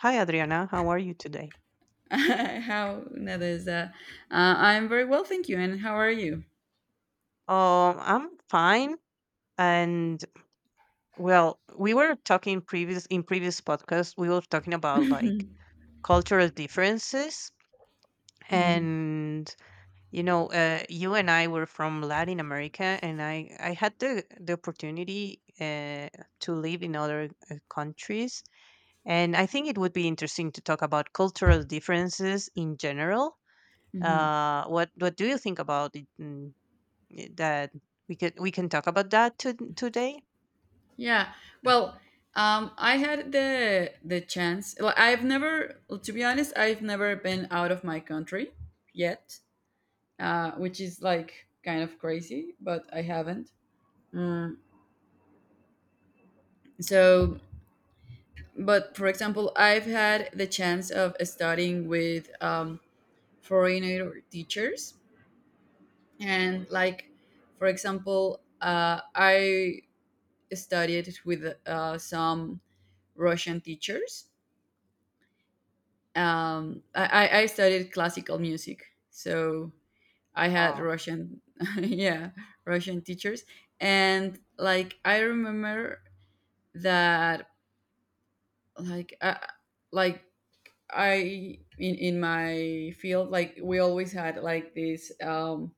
Hi, Adriana. How are you today? how that is. I'm very well, thank you. And how are you? I'm fine. And well, we were talking previous in previous podcast, we were talking about like cultural differences. hmm And you and I were from Latin America, and I had the opportunity to live in other countries, and I think it would be interesting to talk about cultural differences in general. hmm What do you think about it? That we could we can talk about today. Yeah. Well, I had the chance. Well, to be honest, I've never been out of my country yet, which is like kind of crazy, but I haven't. Mm, so, but for example, I've had the chance of studying with foreigner teachers. And like, for example, I studied with some Russian teachers. I studied classical music, so I had Wow. Russian yeah, Russian teachers. And like, I remember that, like uh, like I, in my field, like, we always had like this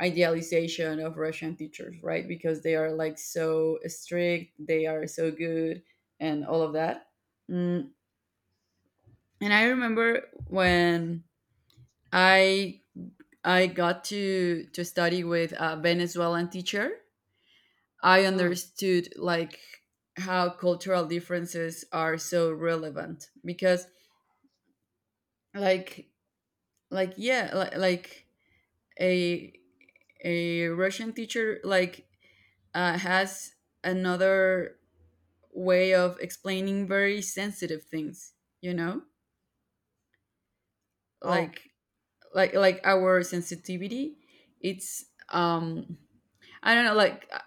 idealization of Russian teachers, right? Because they are like so strict, they are so good, and all of that. Mm, And I remember when I I got to study with a Venezuelan teacher, I Mm. understood like how cultural differences are so relevant. Because like like a a Russian teacher, like, has another way of explaining very sensitive things, you know, Oh. like like our sensitivity. It's um i don't know, like, uh,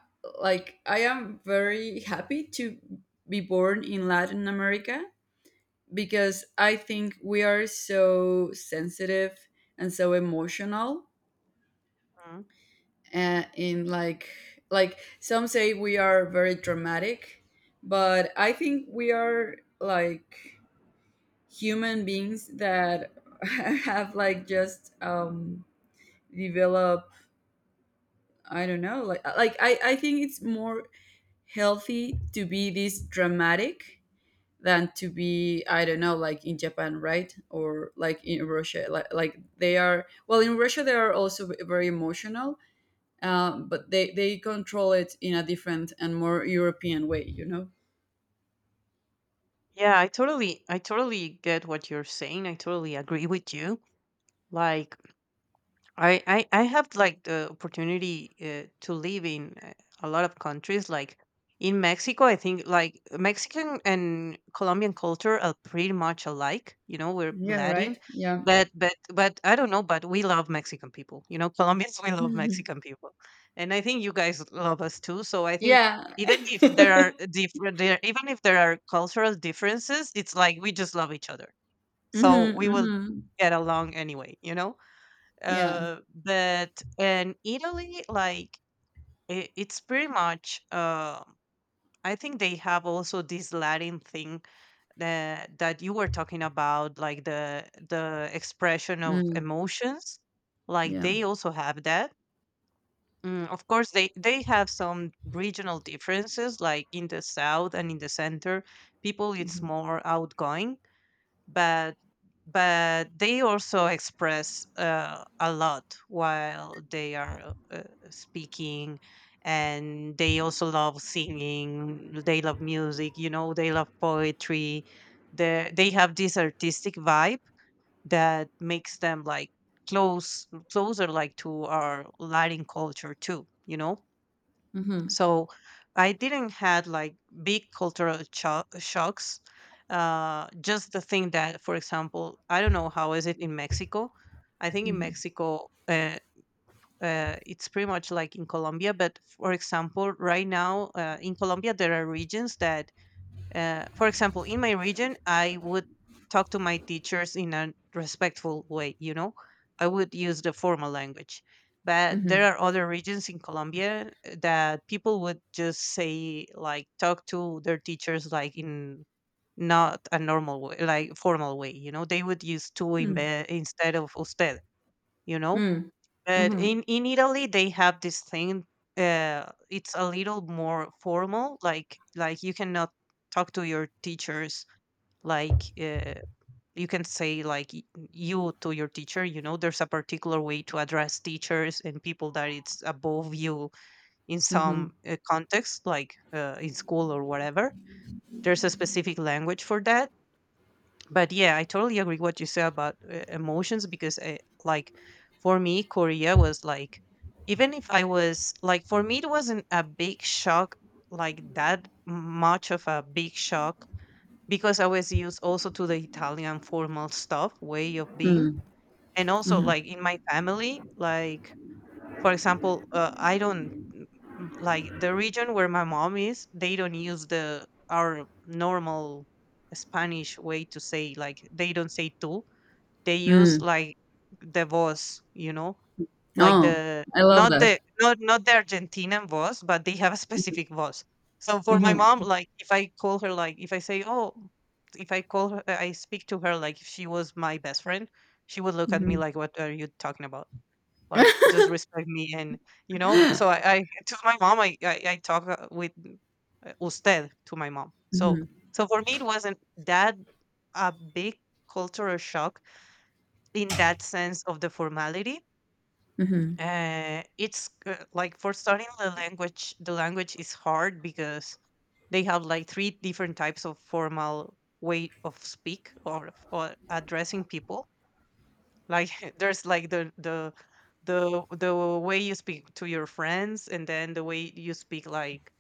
like I am very happy to be born in Latin America because I think we are so sensitive and so emotional. Mm. And in like Some say we are very dramatic, but I think we are like human beings that have like just developed. I don't know, like, I think it's more healthy to be this dramatic than to be, I don't know, like in Japan, right? Or like in Russia. Like, they are, well, in Russia they are also very emotional, but they control it in a different and more European way, you know. Yeah, I totally get what you're saying, I totally agree with you. like I have like the opportunity to live in a lot of countries. Like in Mexico, I think like Mexican and Colombian culture are pretty much alike. You know, we're Yeah, Latin, right, yeah. but I don't know. But we love Mexican people. You know, Colombians, we love Mhm. Mexican people, and I think you guys love us too. So I think Yeah. even if there are different, there even if there are cultural differences, it's like we just love each other. So Hmm. we will Hmm. get along anyway. Yeah. But in Italy, like it's pretty much. I think they have also this Latin thing that you were talking about, like the expression of Mm. emotions. Like Yeah. they also have that. Mm, of course, they have some regional differences. Like in the south and in the center, people it's Mhm. more outgoing, but they also express a lot while they are speaking, and they also love singing, they love music, you know, they love poetry. They have this artistic vibe that makes them like closer like to our Latin culture too, you know. Mhm. So I didn't had like big cultural shocks. Just the thing that, for example, I don't know how is it in Mexico. I think in Mhm. Mexico it's pretty much like in Colombia, but for example, right now in Colombia there are regions that for example, in my region, I would talk to my teachers in a respectful way, you know, I would use the formal language. But there Mhm. are other regions in Colombia that people would just say, like, talk to their teachers, like, in not a normal way, like, formal way, you know, they would use tú Mm. Instead of usted, you know. Mm. But Mhm. In Italy, they have this thing. It's a little more formal. Like you cannot talk to your teachers. Like you can say like you to your teacher. You know, there's a particular way to address teachers and people that it's above you in Mhm. some context, like in school or whatever. There's a specific language for that. But yeah, I totally agree what you say about emotions because like for me Korea was like, even if I was like for me it wasn't a big shock, like that much of a big shock, because I was used also to the Italian formal stuff way of being. Mm. And also like in my family, like for example, I don't like, the region where my mom is. They don't use the our normal Spanish way to say, like they don't say tú. They use Mm. like the voz, you know, like Oh, the I love that. not the Argentinian voz, but they have a specific voz. So for my Mhm. mom, like if I call her, like if I say, oh, if I call her, I speak to her like if she was my best friend, she would look at me Mhm. like, what are you talking about? Like just respect me. And you know, so I to my mom I talk with usted to my mom. So Mhm. so for me it wasn't that a big cultural shock in that sense of the formality. It's like for starting the language, the language is hard because they have like three different types of formal way of speak, or addressing people, like there's like the way you speak to your friends, and then the way you speak like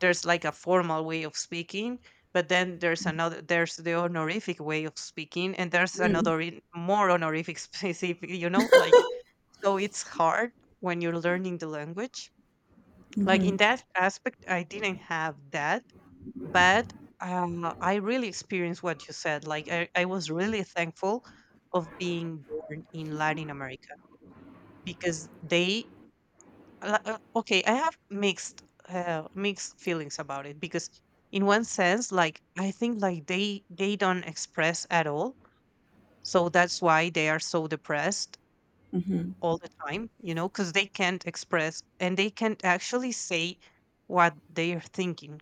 there's like a formal way of speaking, but then there's another, there's the honorific way of speaking, and there's Mm. another more honorific specific, you know, like, so it's hard when you're learning the language, like in Mhm. that aspect I didn't have that. But I really experienced what you said. Like I was really thankful of being born in Latin America because they okay, I have mixed mixed feelings about it because in one sense, like I think like they don't express at all. So that's why they are so depressed Mhm. all the time, you know, because they can't express and they can't actually say what they are thinking.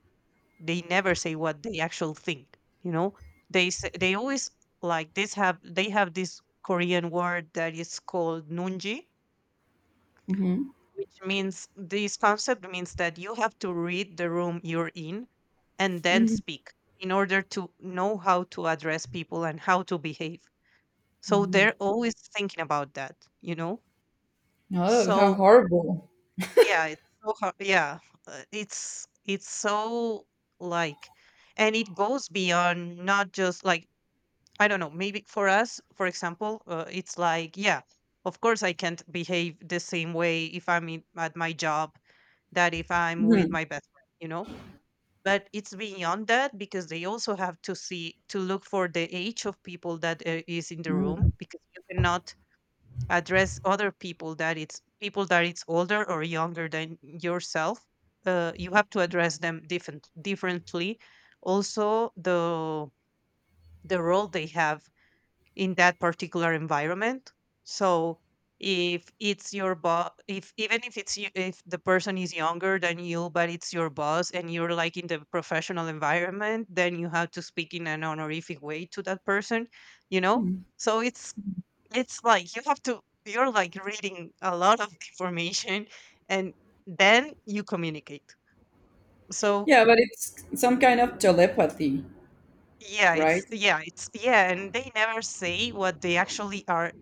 They never say what they actually think, you know, they always like this have, they have this Korean word that is called nunji, Mhm. which means this concept means that you have to read the room you're in and then speak in order to know how to address people and how to behave. So they're always thinking about that, you know. Oh, how So horrible. yeah, it's so hard, yeah. It's so like, and it goes beyond not just like, I don't know, maybe for us, for example, it's like, yeah, of course I can't behave the same way if I'm at my job that if I'm with Mhm. my best friend, you know? But it's beyond that because they also have to look for the age of people that is in the room because you cannot address other people that it's older or younger than yourself. You have to address them differently. Also, the role they have in that particular environment. So if it's your boss, if even if it's you, if the person is younger than you, but it's your boss and you're like in the professional environment, then you have to speak in an honorific way to that person, you know. Mm. So it's like you have to, you're like reading a lot of information, and then you communicate. So Yeah, but it's some kind of telepathy, yeah, it's right? yeah, it's yeah, and they never say what they actually are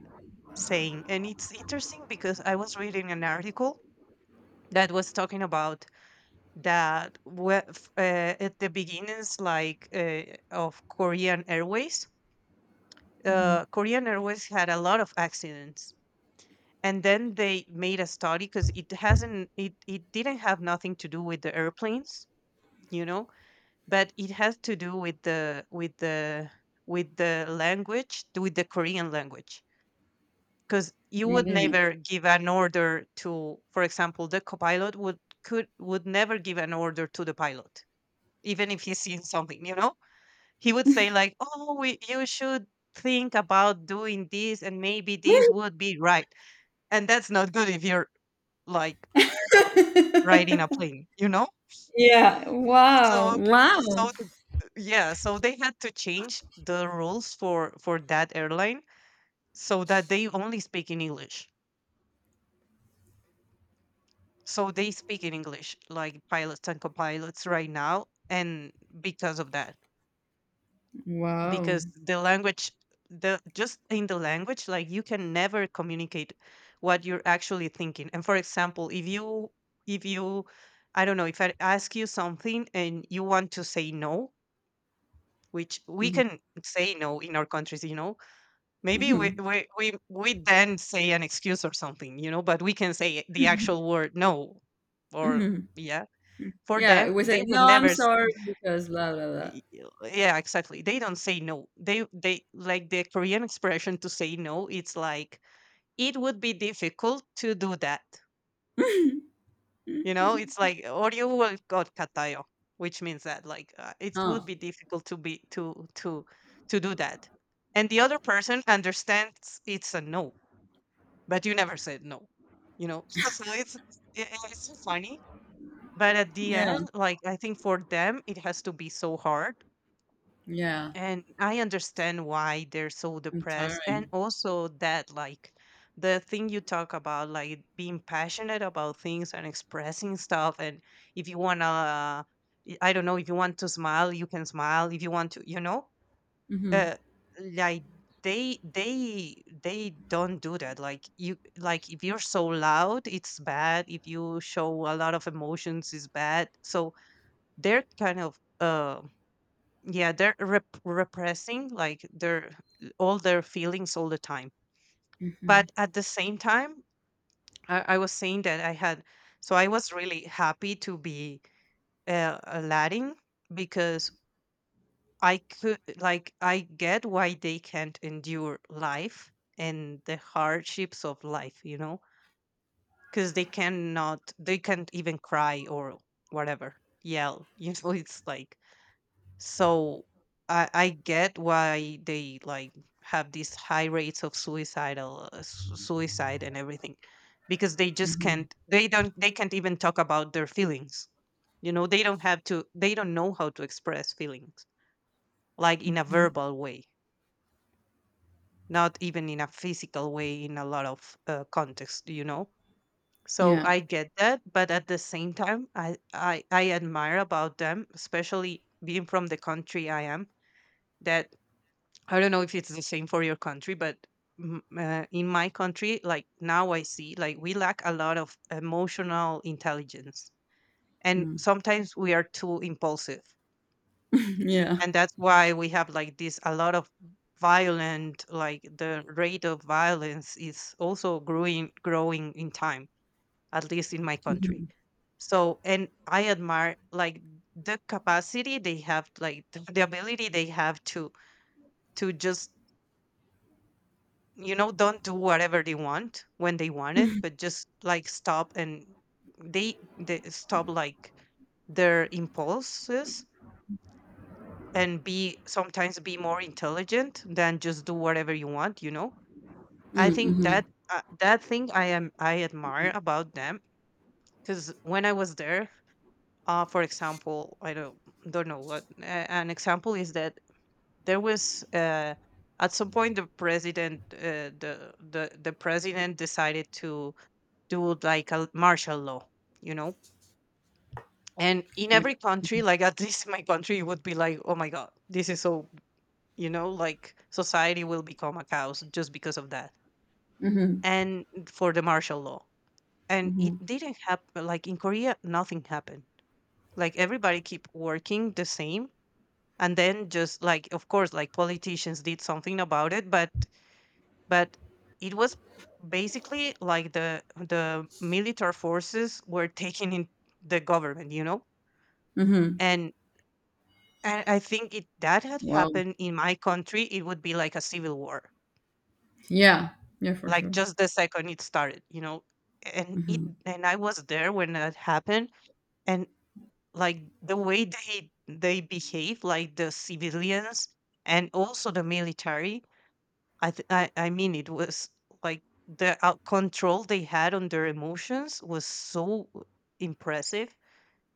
saying. And it's interesting because I was reading an article that was talking about that at the beginnings, like of Korean Airways, Mhm. Korean Airways had a lot of accidents. And then they made a study because it hasn't, it didn't have nothing to do with the airplanes, you know, but it has to do with with the language, with the Korean language. Because you What would do you mean? never give an order to, for example, the copilot would never give an order to the pilot, even if he's seeing something, you know? He would say like, oh, you should think about doing this, and maybe this would be right. And that's not good if you're like riding a plane, you know? Yeah, wow. So Wow. so yeah, so they had to change the rules for that airline so that they only speak in English. So they speak in English, like pilots and co-pilots right now, and because of that, Wow. because the language, the just in the language, like you can never communicate what you're actually thinking. And for example, if you, I don't know, if I ask you something and you want to say no, which we Mhm. can say no in our countries, you know, maybe Mhm. We then say an excuse or something, you know, but we can say the actual word no, or Mhm. yeah. For Yeah, them, we they say, would no, I'm never sorry because blah, blah, blah. Yeah, exactly. They don't say no. They Like the Korean expression to say no, it's like it would be difficult to do that. You know, Mm-hmm. it's like or you will got katayo, which means that like it would Oh, be difficult to be to do that. And the other person understands it's a no, but you never said no. You know, so it's it's so funny. But at the yeah, end, like I think for them, it has to be so hard. yeah, And I understand why they're so and depressed. And tiring. also that, like the thing you talk about, like being passionate about things and expressing stuff. And if you wanna, I don't know, if you want to smile, you can smile. If you want to, Mm-hmm, uh, like, they they they don't do that, like you, like, if you're so loud it's bad, if you show a lot of emotions it's bad. So they're kind of yeah, they're repressing, like, their all their feelings all the time. mm-hmm, But at the same time, I was saying that I had so I was really happy to be a Latin, because I could like I get why they can't endure life and the hardships of life, because they can't even cry or whatever, yell you know it's like So I get why they, like, have these high rates of suicidal, suicide and everything, because they just mm-hmm, can't they don't they can't even talk about their feelings. You know, they don't have to they don't know how to express feelings, like, in a mm-hmm. verbal way, not even in a physical way, in a lot of context. So Yeah, I get that, but at the same time I admire about them, especially being from the country I am, that I don't know if it's the same for your country, but in my country, like, now I see, like, we lack a lot of emotional intelligence. And mm. sometimes we are too impulsive. Yeah. And that's why we have, like, this a lot of violent, like the rate of violence is also growing, growing in time, at least in my country. Mm-hmm, So, and I admire, like, the capacity they have, like the ability they have to just don't do whatever they want when they want it, but just, like, stop. And they stop, like, their impulses, and be, sometimes, be more intelligent than just do whatever you want. I mm-hmm. think Mm-hmm. that, that thing I admire about them, because when I was there, for example, I don't know what, an example is that there was at some point the president decided to do like a martial law, you know? And in Like, every mm-hmm, country, like, at least in my country, it would be like, oh my God, this is so, like, society will become a chaos just because of that. mm-hmm, And for the martial law. And mm-hmm. it didn't happen. Like in Korea, nothing happened. Like, everybody keep working the same. And then, just like, of course, like, politicians did something about it, but it was basically like the military forces were taking in the government. Mm-hmm. And and I think if that had Wow. happened in my country, it would be like a civil war, Yeah, yeah, for like sure. just the second it started. And it Mm-hmm. and I was there when that happened, and, like, the way they behave, like the civilians and also the military. I mean, it was, like, the control they had on their emotions was so impressive.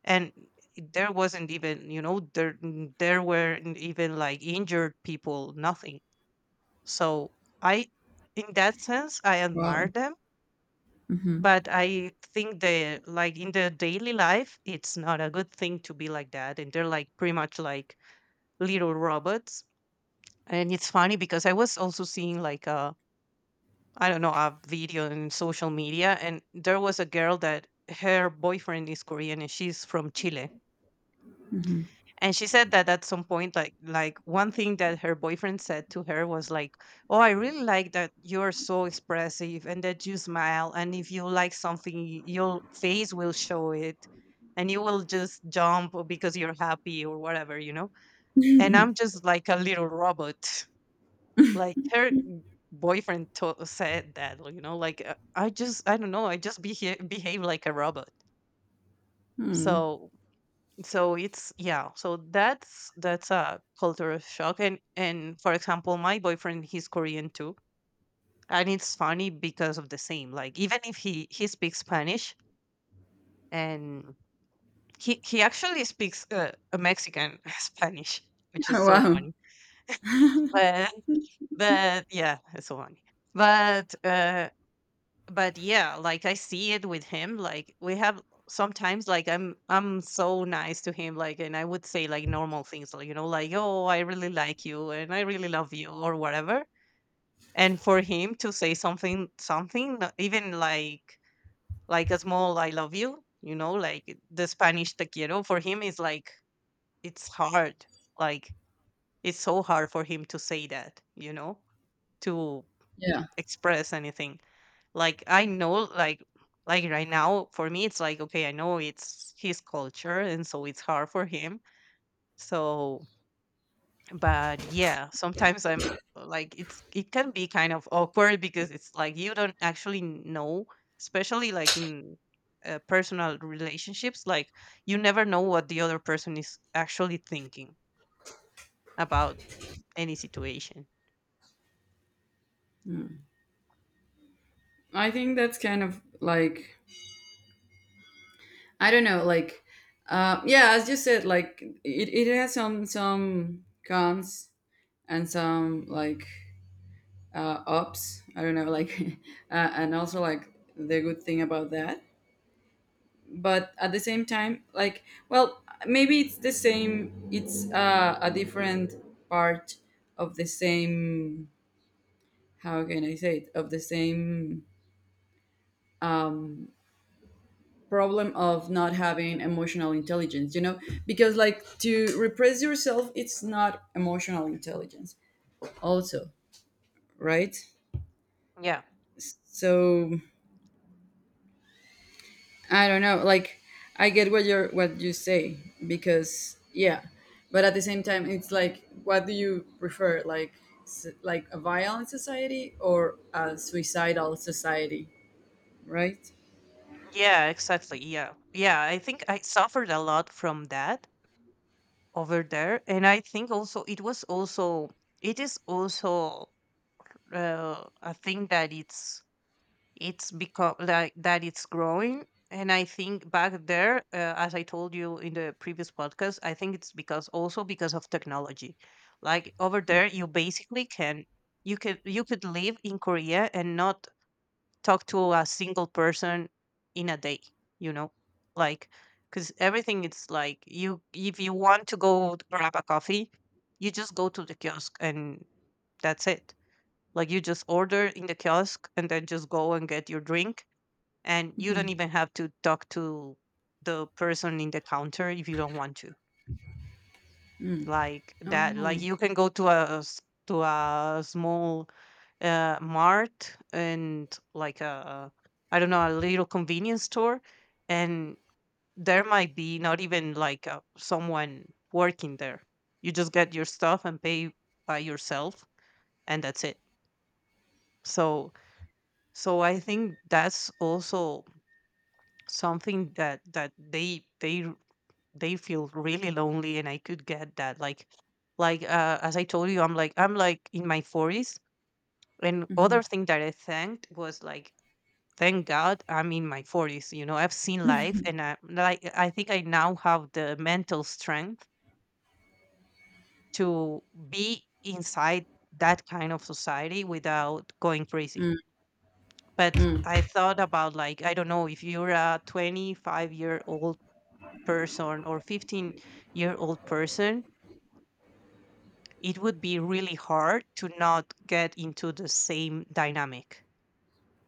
And there wasn't even you know there there weren't even, like, injured people, nothing. So, I in that sense I admire Wow. them. Mm-hmm, But I think that, like, in the daily life, it's not a good thing to be like that, and they're, like, pretty much like little robots. And it's funny, because I was also seeing, like, a, I don't know, a video in social media, and there was a girl that her boyfriend is Korean, and she's from Chile. mm-hmm. And she said that at some point, like, one thing that her boyfriend said to her was like, "Oh, I really like that you're so expressive, and that you smile, and if you like something, your face will show it, and you will just jump because you're happy or whatever, you know." And I'm just like a little robot. Like, her boyfriend said that, you know, like, I just, I don't know, I just behave like a robot. Mm. So so it's, yeah, so that's a cultural shock. And for example, my boyfriend, he's Korean too. And it's funny because of the same, like, even if he speaks Spanish, and he actually speaks a Mexican Spanish, which is so Wow. funny. But but yeah, it's so funny. But uh but yeah, like, I see it with him, like, we have sometimes, like, I'm so nice to him, like, and I would say, like, normal things, like, like, oh, I really like you, and I really love you, or whatever. And for him to say something, not even like, a small I love you, you know like, the Spanish 'te quiero' for him is like, it's hard, like, it's so hard for him to say that, to Yeah, express anything, like, I know, like, right now for me it's like, okay, I know it's his culture, and so it's hard for him. So, but yeah, sometimes I'm like, it's, it can be kind of awkward, because it's like you don't actually know, especially, like, in, personal relationships, like, you never know what the other person is actually thinking about any situation. I think that's kind of like, I don't know, like, yeah, as you said, like, it has some cons and some like, ups. I don't know, like, and also like the good thing about that. But at the same time, like, well, maybe it's the same. It's a different part of the same. How can I say it? Of the same problem of not having emotional intelligence. You know, because like, to repress yourself, it's not emotional intelligence. Also, right? Yeah. So I don't know. Like, I get what you're what you say because yeah, but at the same time, it's like, what do you prefer? Like, like a violent society or a suicidal society, right? Yeah, exactly. Yeah. Yeah. I think I suffered a lot from that over there, and I think also it is also, a thing that it's become like that, it's growing. And I think back there, as I told you in the previous podcast, I think it's because, also, because of technology. Like, over there, you basically can, you could live in Korea and not talk to a single person in a day you know like, because everything, it's like you if you want to go grab a coffee, you just go to the kiosk, and that's it. Like, you just order in the kiosk, and then just go and get your drink, and you don't even have to talk to the person in the counter if you don't want to. Like that, like, Oh. you can go to a to a small, mart, and like a, I don't know, a little convenience store, and there might be not even, like, someone working there. You just get your stuff and pay by yourself, and that's it. So so I think that's also something that they feel really lonely, and I could get that, like, as I told you, I'm like in my 40s. And other thing that I thanked was like, thank God I'm in my 40s. I've seen life, and I like I think I now have the mental strength to be inside that kind of society without going crazy. But I thought about, like, I don't know, if you're a 25-year-old person or 15-year-old person it would be really hard to not get into the same dynamic,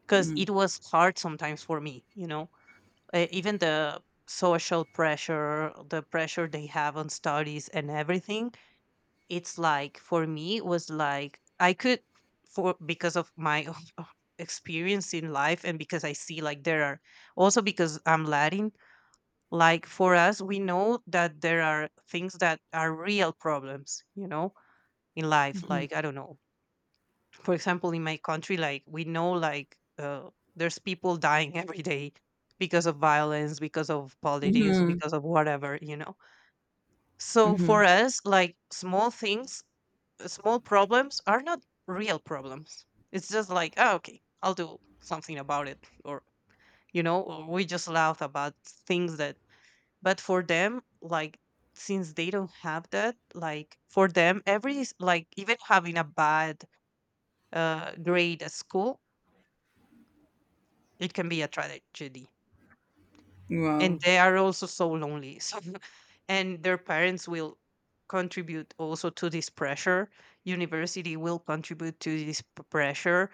because it was hard sometimes for me. Even the social pressure, the pressure they have on studies and everything, it's like, for me it was like, I could, for because of my own experience in life, and because I see, like, there are also, because I'm Latin, like, for us, we know that there are things that are real problems, in life, like, I don't know, for example in my country, like, we know, like, there's people dying every day, because of violence, because of politics, Mm-hmm. because of whatever. So for Mm-hmm. us, like, small things small problems are not real problems. It's just like, oh, okay, I'll do something about it, or, we just laugh about things that. But for them, like, since they don't have that, like, for them, every even having a bad, grade at school, it can be a tragedy. And Wow. they are also so lonely. So, and their parents will contribute also to this pressure. University will contribute to this pressure.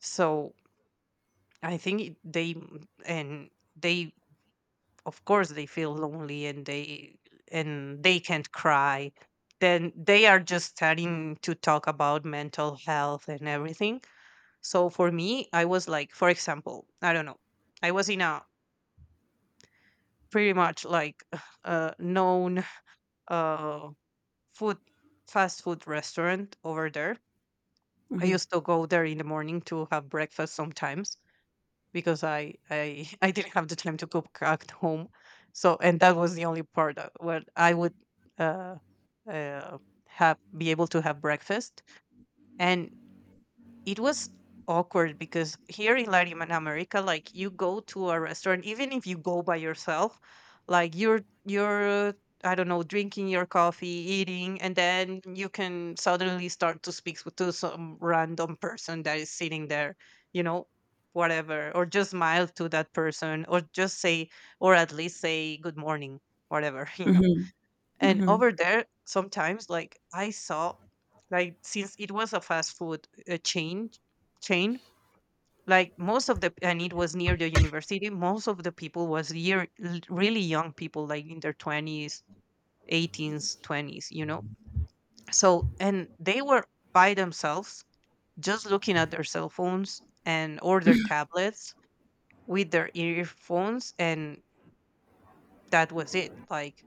So I think it- they m- and they of course they feel lonely, and they can't cry. Then they are just starting to talk about mental health and everything. So for me, I was like, for example, I don't know. I was in a pretty much, like, a known, uh, food fast food restaurant over there. I Mm-hmm. used to go there in the morning to have breakfast sometimes, because I didn't have the time to cook at home. So, and that was the only part where I would, uh, uh, have be able to have breakfast. And it was awkward, because here in Latin America, like, you go to a restaurant, even if you go by yourself, like, you're, I don't know, drinking your coffee, eating, and then you can suddenly start to speak to some random person that is sitting there, you know, whatever, or just smile to that person, or just say, or at least say good morning, whatever. And over there, sometimes, like, I saw, like, since it was a fast food, chain, like, most of the and it was near the university. Most of the people was really young people, like in their twenties, eighteens, twenties. You know, so and they were by themselves, just looking at their cell phones and or their tablets with their earphones, and that was it.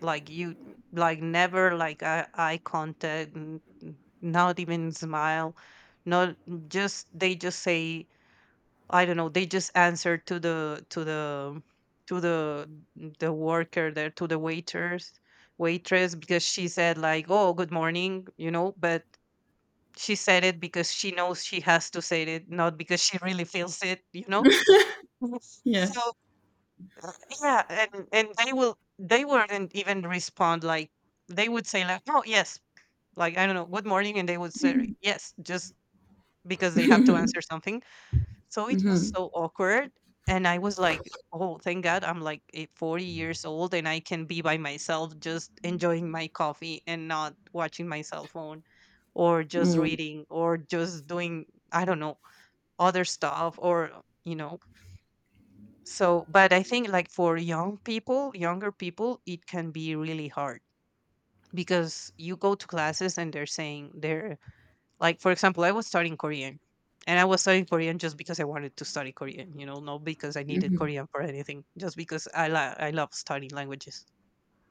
like you like never like eye contact, not even smile, not just they just say, I don't know, they just answer to the the worker there, to the waiters waitress, because she said like, "Oh, good morning," you know, but she said it because she knows she has to say it, not because she really feels it, you know. Yeah. So uh, yeah, and they wouldn't even respond. Like they would say like, "Oh, yes." Like, I don't know, "Good morning," and they would say, "Yes," just because they have to answer something. So it was so awkward, and I was like, "Oh, thank God I'm like a 40 years old and I can be by myself just enjoying my coffee and not watching my cell phone or just Mm. reading or just doing, I don't know, other stuff or, you know." So, but I think like for young people, younger people, it can be really hard because you go to classes and they're like, for example, I was studying Korean, and I was studying Korean just because I wanted to study Korean, you know, not because I needed Korean for anything, just because I love studying languages.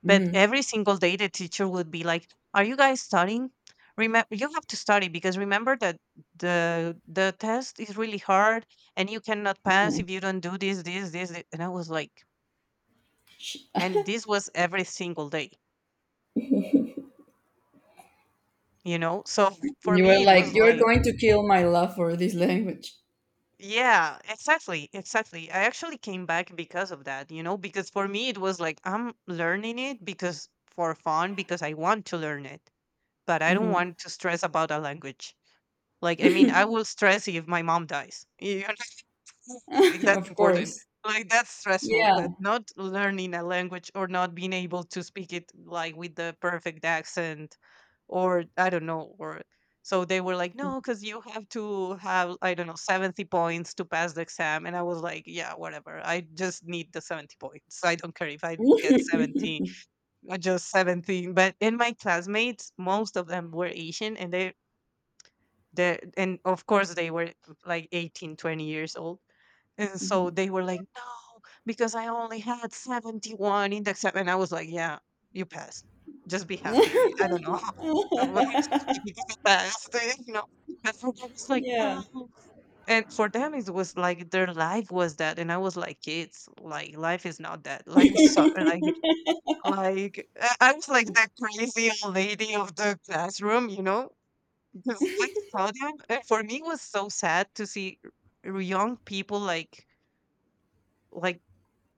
But every single day, the teacher would be like, "Are you guys studying? Remember, you have to study, because remember that the test is really hard and you cannot pass if you don't do this, this, this." And I was like, Sh- and this was every single day, you know. So for You were me it like, was you're like, going to kill my love for this language. yeah, exactly. I actually came back because of that, you know, because for me it was like, I'm learning it because for fun, because I want to learn it, but I don't want to stress about a language. Like, I mean, I will stress if my mom dies, you know? Like that's Of important. course. Like that's stressful, Yeah. but not learning a language, or not being able to speak it like with the perfect accent, or I don't know, or so they were like, "No, because you have to have, I don't know, 70 points to pass the exam," and I was like, "Yeah, whatever. I just need the 70 points. I don't care if I get 70, just 17" But in my classmates, most of them were Asian, and they. They and of course they were like 18, 20 years old, and so they were like, "No, because I only had 71 index the," and I was like, "Yeah, you passed. Just be happy." I don't know. I was just like, "Because I passed," you know. And for them, it's like, Yeah. "No." And for them, it was like their life was that. And I was like, "Kids, like, life is not that." Like, so, like, like I was like the crazy old lady of the classroom, you know? Because I saw them. And for me, it was so sad to see young people like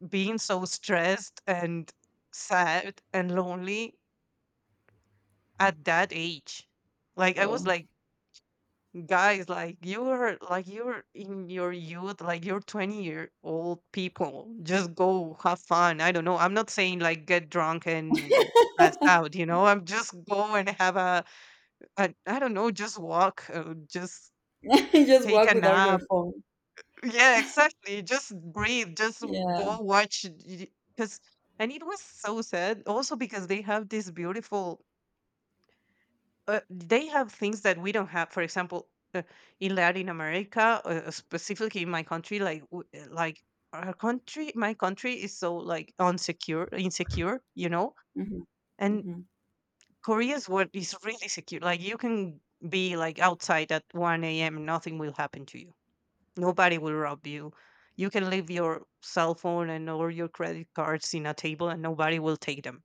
being so stressed and sad and lonely at that age. Like I was Oh. like, "Guys, like you're in your youth, like you're 20-year-old people. Just go have fun. I don't know. I'm not saying like get drunk and pass out, you know. I'm just go and have a, I don't know, just walk, just Just take walk a without your nap." phone. Yeah, exactly. Just breathe. Just Yeah. go watch. Because, and it was so sad. Also because they have this beautiful. They have things that we don't have. For example, uh, in Latin America, specifically in my country, like like our country, my country is so like unsecure, insecure, you know. Mm-hmm. And Mm-hmm. Korea is what is really secure. Like you can be like outside at one a.m., nothing will happen to you. Nobody will rob you. You can leave your cell phone and all your credit cards in a table and nobody will take them.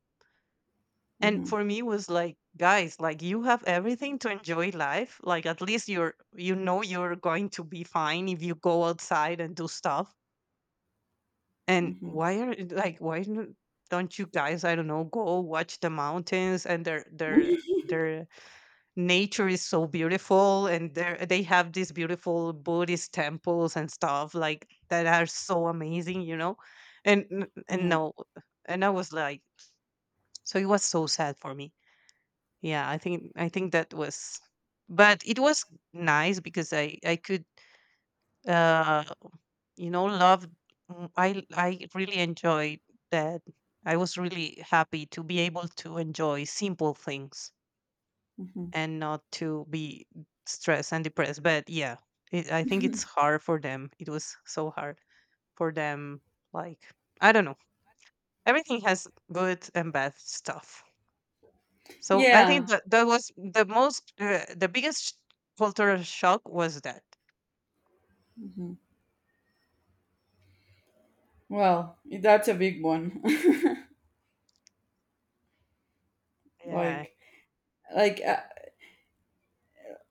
And Hmm. for me it was like, "Guys, like you have everything to enjoy life. Like at least you're, you know, you're going to be fine if you go outside and do stuff. And Hmm. why are like why don't you guys, I don't know, go watch the mountains and their nature is so beautiful, and there they have these beautiful Buddhist temples and stuff like that are so amazing, you know." And Yeah. no, and I was like, so it was so sad for me. Yeah, I think that was, but it was nice because I could, uh you know, love, I really enjoyed that. I was really happy to be able to enjoy simple things Hmm. and not to be stressed and depressed. But yeah, it, I think it's hard for them. It was so hard for them. Like, I don't know. Everything has good and bad stuff. So I think Yeah. that that was the most, the biggest cultural shock was that. Well, that's a big one. Yeah. like, like I,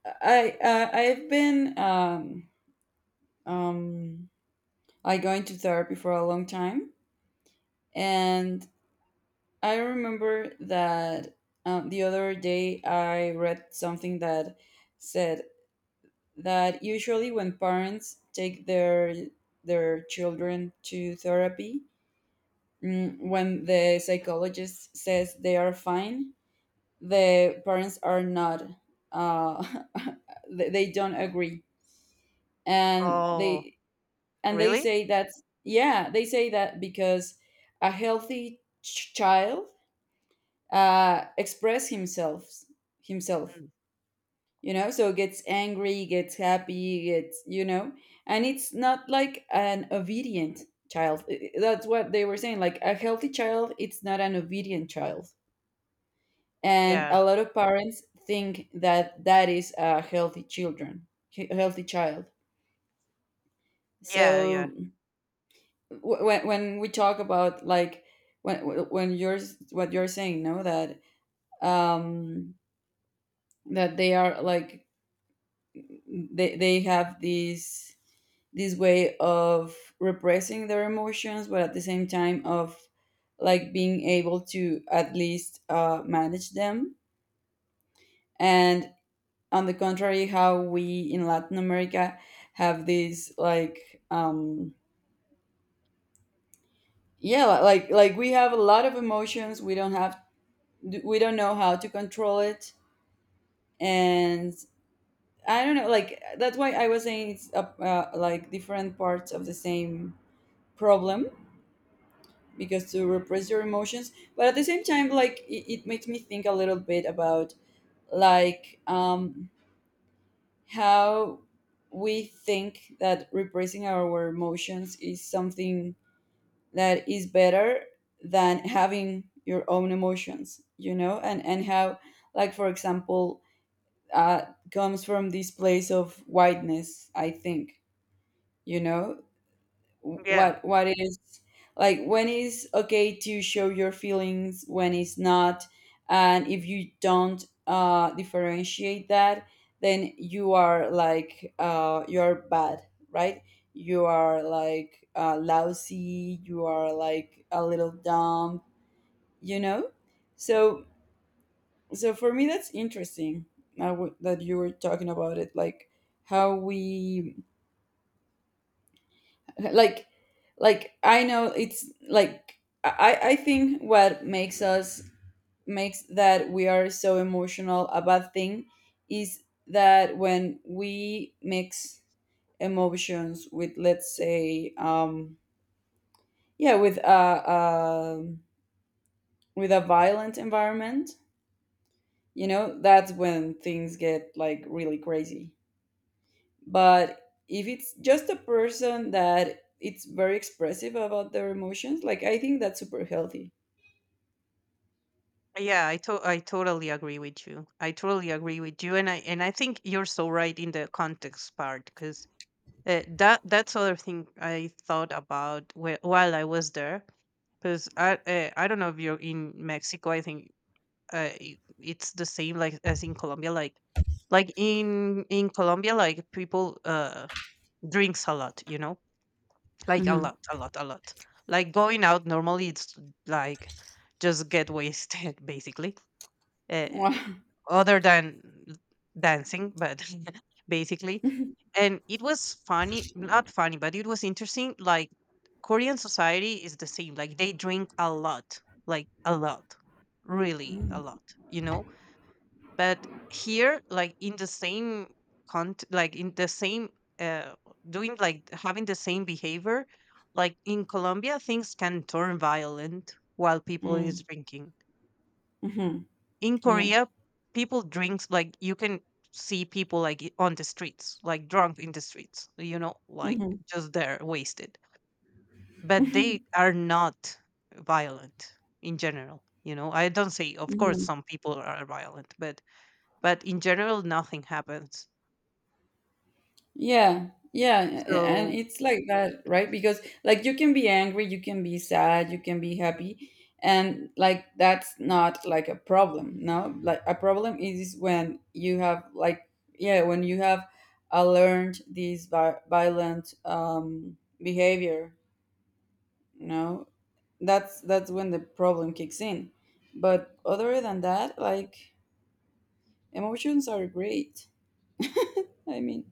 I've been, um, I going to therapy for a long time, and I remember that, the other day I read something that said that usually when parents take their children to therapy, mm, when the psychologist says they are fine, the parents are not, uh, they don't agree, and Oh, they really? say that. Yeah, they say that because a healthy child, express himself, Mm. you know, so gets angry, gets happy, gets, you know. And it's not like an obedient child. That's what they were saying, like, a healthy child, it's not an obedient child. And Yeah. a lot of parents think that that is a healthy healthy child. Yeah. Yeah. So when we talk about like, when when you're what you're saying, no, that um that they are like, they have this way of repressing their emotions, but at the same time of like being able to at least, manage them. And on the contrary, how we in Latin America have these, like, like, we have a lot of emotions, we don't have, we don't know how to control it. And I don't know, like, that's why I was saying it's, like, different parts of the same problem. Because to repress your emotions, but at the same time, like, it makes me think a little bit about, like, how we think that repressing our emotions is something that is better than having your own emotions, you know. And how, like, for example, uh comes from this place of whiteness, I think, you know. Yeah. What is, like, when is okay to show your feelings, when it's not? And if you don't differentiate that, then you are like, you're bad, right? You are like, lousy, you are like a little dumb, you know. So so for me, that's interesting now, that you were talking about it. Like, how we, like like, I know it's like, I think what makes us, makes that we are so emotional about thing, is that when we mix emotions with, let's say, yeah with a, with a violent environment, you know, that's when things get like really crazy. But if it's just a person that it's very expressive about their emotions, like, I think that's super healthy. Yeah, I totally agree with you. I totally agree with you, and I think you're so right in the context part, because that that's other thing I thought about while I was there, because I don't know if you're in Mexico. I think it's the same like as in Colombia. Like like in Colombia, like people drinks a lot. You know, like a Mhm. lot, a lot, a lot. Like going out normally, it's like just get wasted basically. Uh, Wow. Other than dancing, but basically. And it was funny, not funny, but it was interesting. Like Korean society is the same. Like they drink a lot, like a lot, really a Mm, lot, you know? But here, like in the same like in the same, uh, doing like having the same behavior, like in Colombia, things can turn violent while people mm, is drinking. mhm. In Yeah. Korea, people drinks, like you can see people like on the streets, like drunk in the streets, you know, like Mhm, just there wasted. But they are not violent in general. You know, I don't say, of course, mhm. some people are violent, but in general, nothing happens. Yeah. Yeah. And So it's like that, right? Because like, you can be angry, you can be sad, you can be happy. And like, that's not like a problem, no? Like, a problem is when you have like, yeah, when you have, learned these vi violent behavior, no? That's when the problem kicks in. But other than that, like, emotions are great. I mean,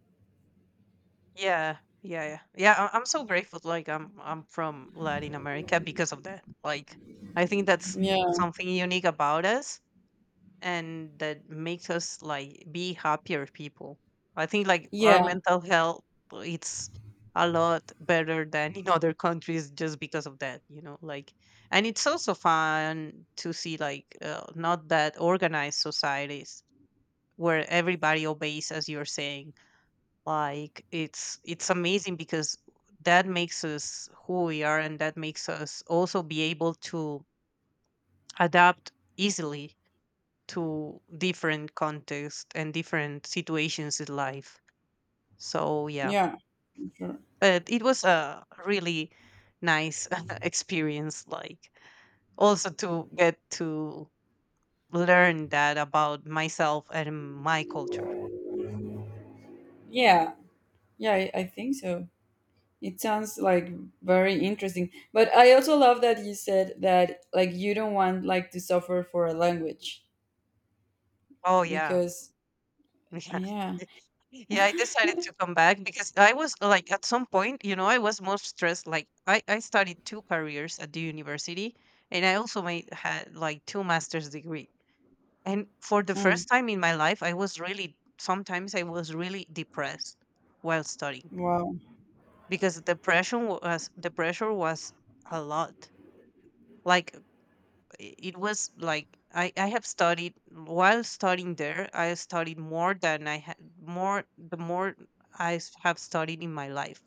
yeah, yeah, yeah, yeah. I'm so grateful. Like I'm from Latin America because of that. Like I think that's yeah, something unique about us, and that makes us like be happier people. I think like our yeah, mental health, it's a lot better than in other countries just because of that, you know, like. And it's also fun to see like, not that organized societies where everybody obeys as you're saying. Like it's amazing because that makes us who we are, and that makes us also be able to adapt easily to different context and different situations in life. So yeah, yeah, sure. but it was a really nice experience. Like also to get to learn that about myself and my culture. Yeah, yeah, I think so. It sounds like very interesting. But I also love that you said that, like, you don't want like to suffer for a language Oh yeah, because yeah. yeah. Yeah, I decided to come back because I was like at some point, you know, I was more stressed. Like I studied two careers at the university, and I also made had like two master's degree. And for the Mm, first time in my life, I was really, sometimes I was really depressed while studying, wow, because the pressure was a lot. Like it was like, I have studied, while studying there, I studied more than I had more, the more have studied in my life.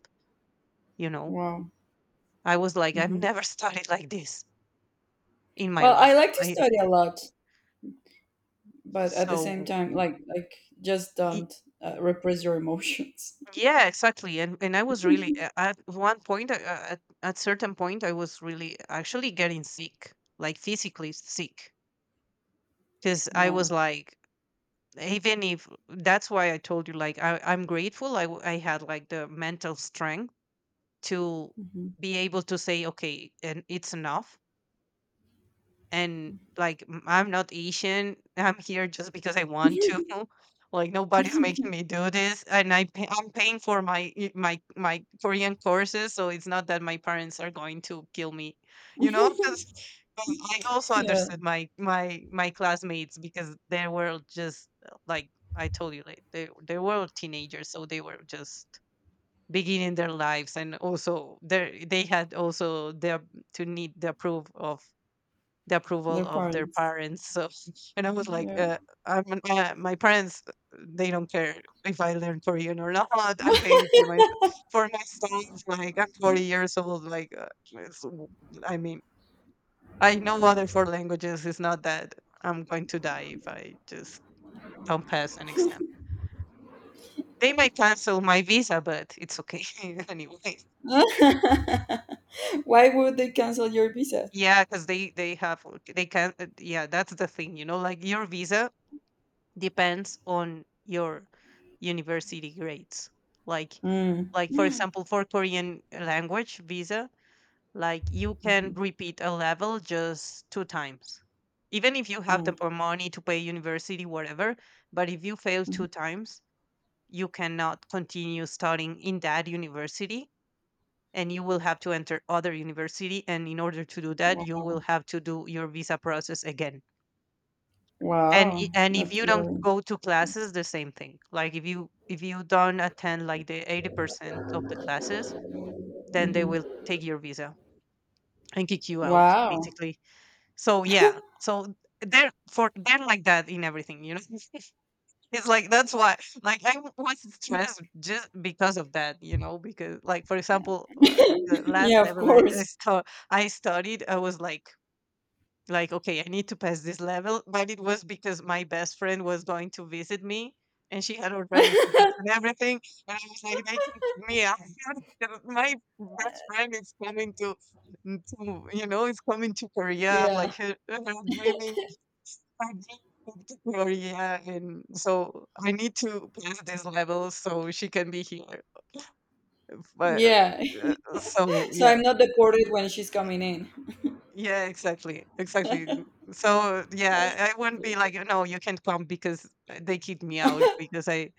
You know, wow. I was like, I've Hmm. never studied like this in my Well, life. I like to I, study a lot, but at the same so. time, like, just don't, repress your emotions. Yeah, exactly. And I was really at one point, at certain point, I was really actually getting sick, like physically sick, because I Wow. was like, even if, that's why I told you, like, I'm grateful. I had like the mental strength to Mhm. be able to say, okay, and it's enough. And like I'm not Asian. I'm here just because I want to. Like nobody's making me do this, and I'm paying for my my Korean courses, so it's not that my parents are going to kill me, you know. 'Cause 'cause I also Yeah, understood my classmates, because they were just, like I told you, like they were teenagers, so they were just beginning their lives, and also they had also their, to need the approval their of their parents. parents. So, and I was like, Yeah. I'm, my parents, they don't care if I learn Korean or not. I'm paying for my, for my sons. Like I'm 40 years old. Like it's w- I mean, I know other four languages. It's not that I'm going to die if I just don't pass an exam. They might cancel my visa, but it's okay anyway. Why would they cancel your visa? Yeah, because they have, they can. Yeah, that's the thing. You know, like your visa depends on your university grades, like Mm. like for Mhm. example, for Korean language visa, like you can repeat a level just two times, even if you have the Mm. Money to pay university, whatever. But if you fail Mhm. two times, you cannot continue studying in that university, and you will have to enter other university, and in order to do that, you Wow. will have to do your visa process again. and i- Wow, and if that's you don't worrying. go to classes, the same thing. Like if you, if you don't attend like the 80% of the classes, then they Mhm. will take your visa and kick you out, Wow. basically. So yeah, so they're like that in everything, you know. It's like that's why, like was stressed just because of that, you know. Because like for example, the last Yeah, of level course. I studied, I was like, okay, I need to pass this level, but it was because my best friend was going to visit me, and she had already tickets and everything, and I was like, they can kick me out. My best friend is coming to, to, you know, is coming to Korea, like, Yeah, her dreaming her dream trip to Korea, and so I need to pass this level so she can be here. But yeah. uh, so So yeah. I'm not deported when she's coming in. Yeah, exactly, exactly. So How yeah, I wouldn't be stressful. like, no, you can't come because they kicked me out because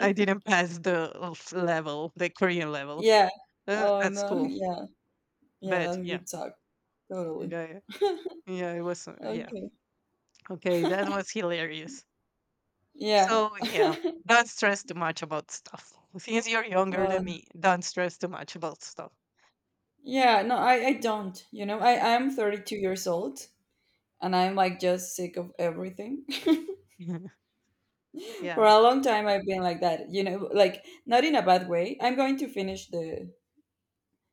I didn't pass the level, the Korean level, Yeah. Oh at no. school. Yeah. Yeah, But that yeah, would suck. Totally. yeah, yeah, it was, yeah. Okay. Okay, that was hilarious. Yeah. So yeah, don't stress too much about stuff. Since you're younger than Well, me, don't stress too much about stuff. yeah, no, I don't. I'm 32 years old and I'm like just sick of everything. Yeah, For yeah, a long time I've been like that, you know, like not in a bad way. I'm going to finish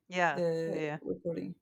yeah, the yeah. recording.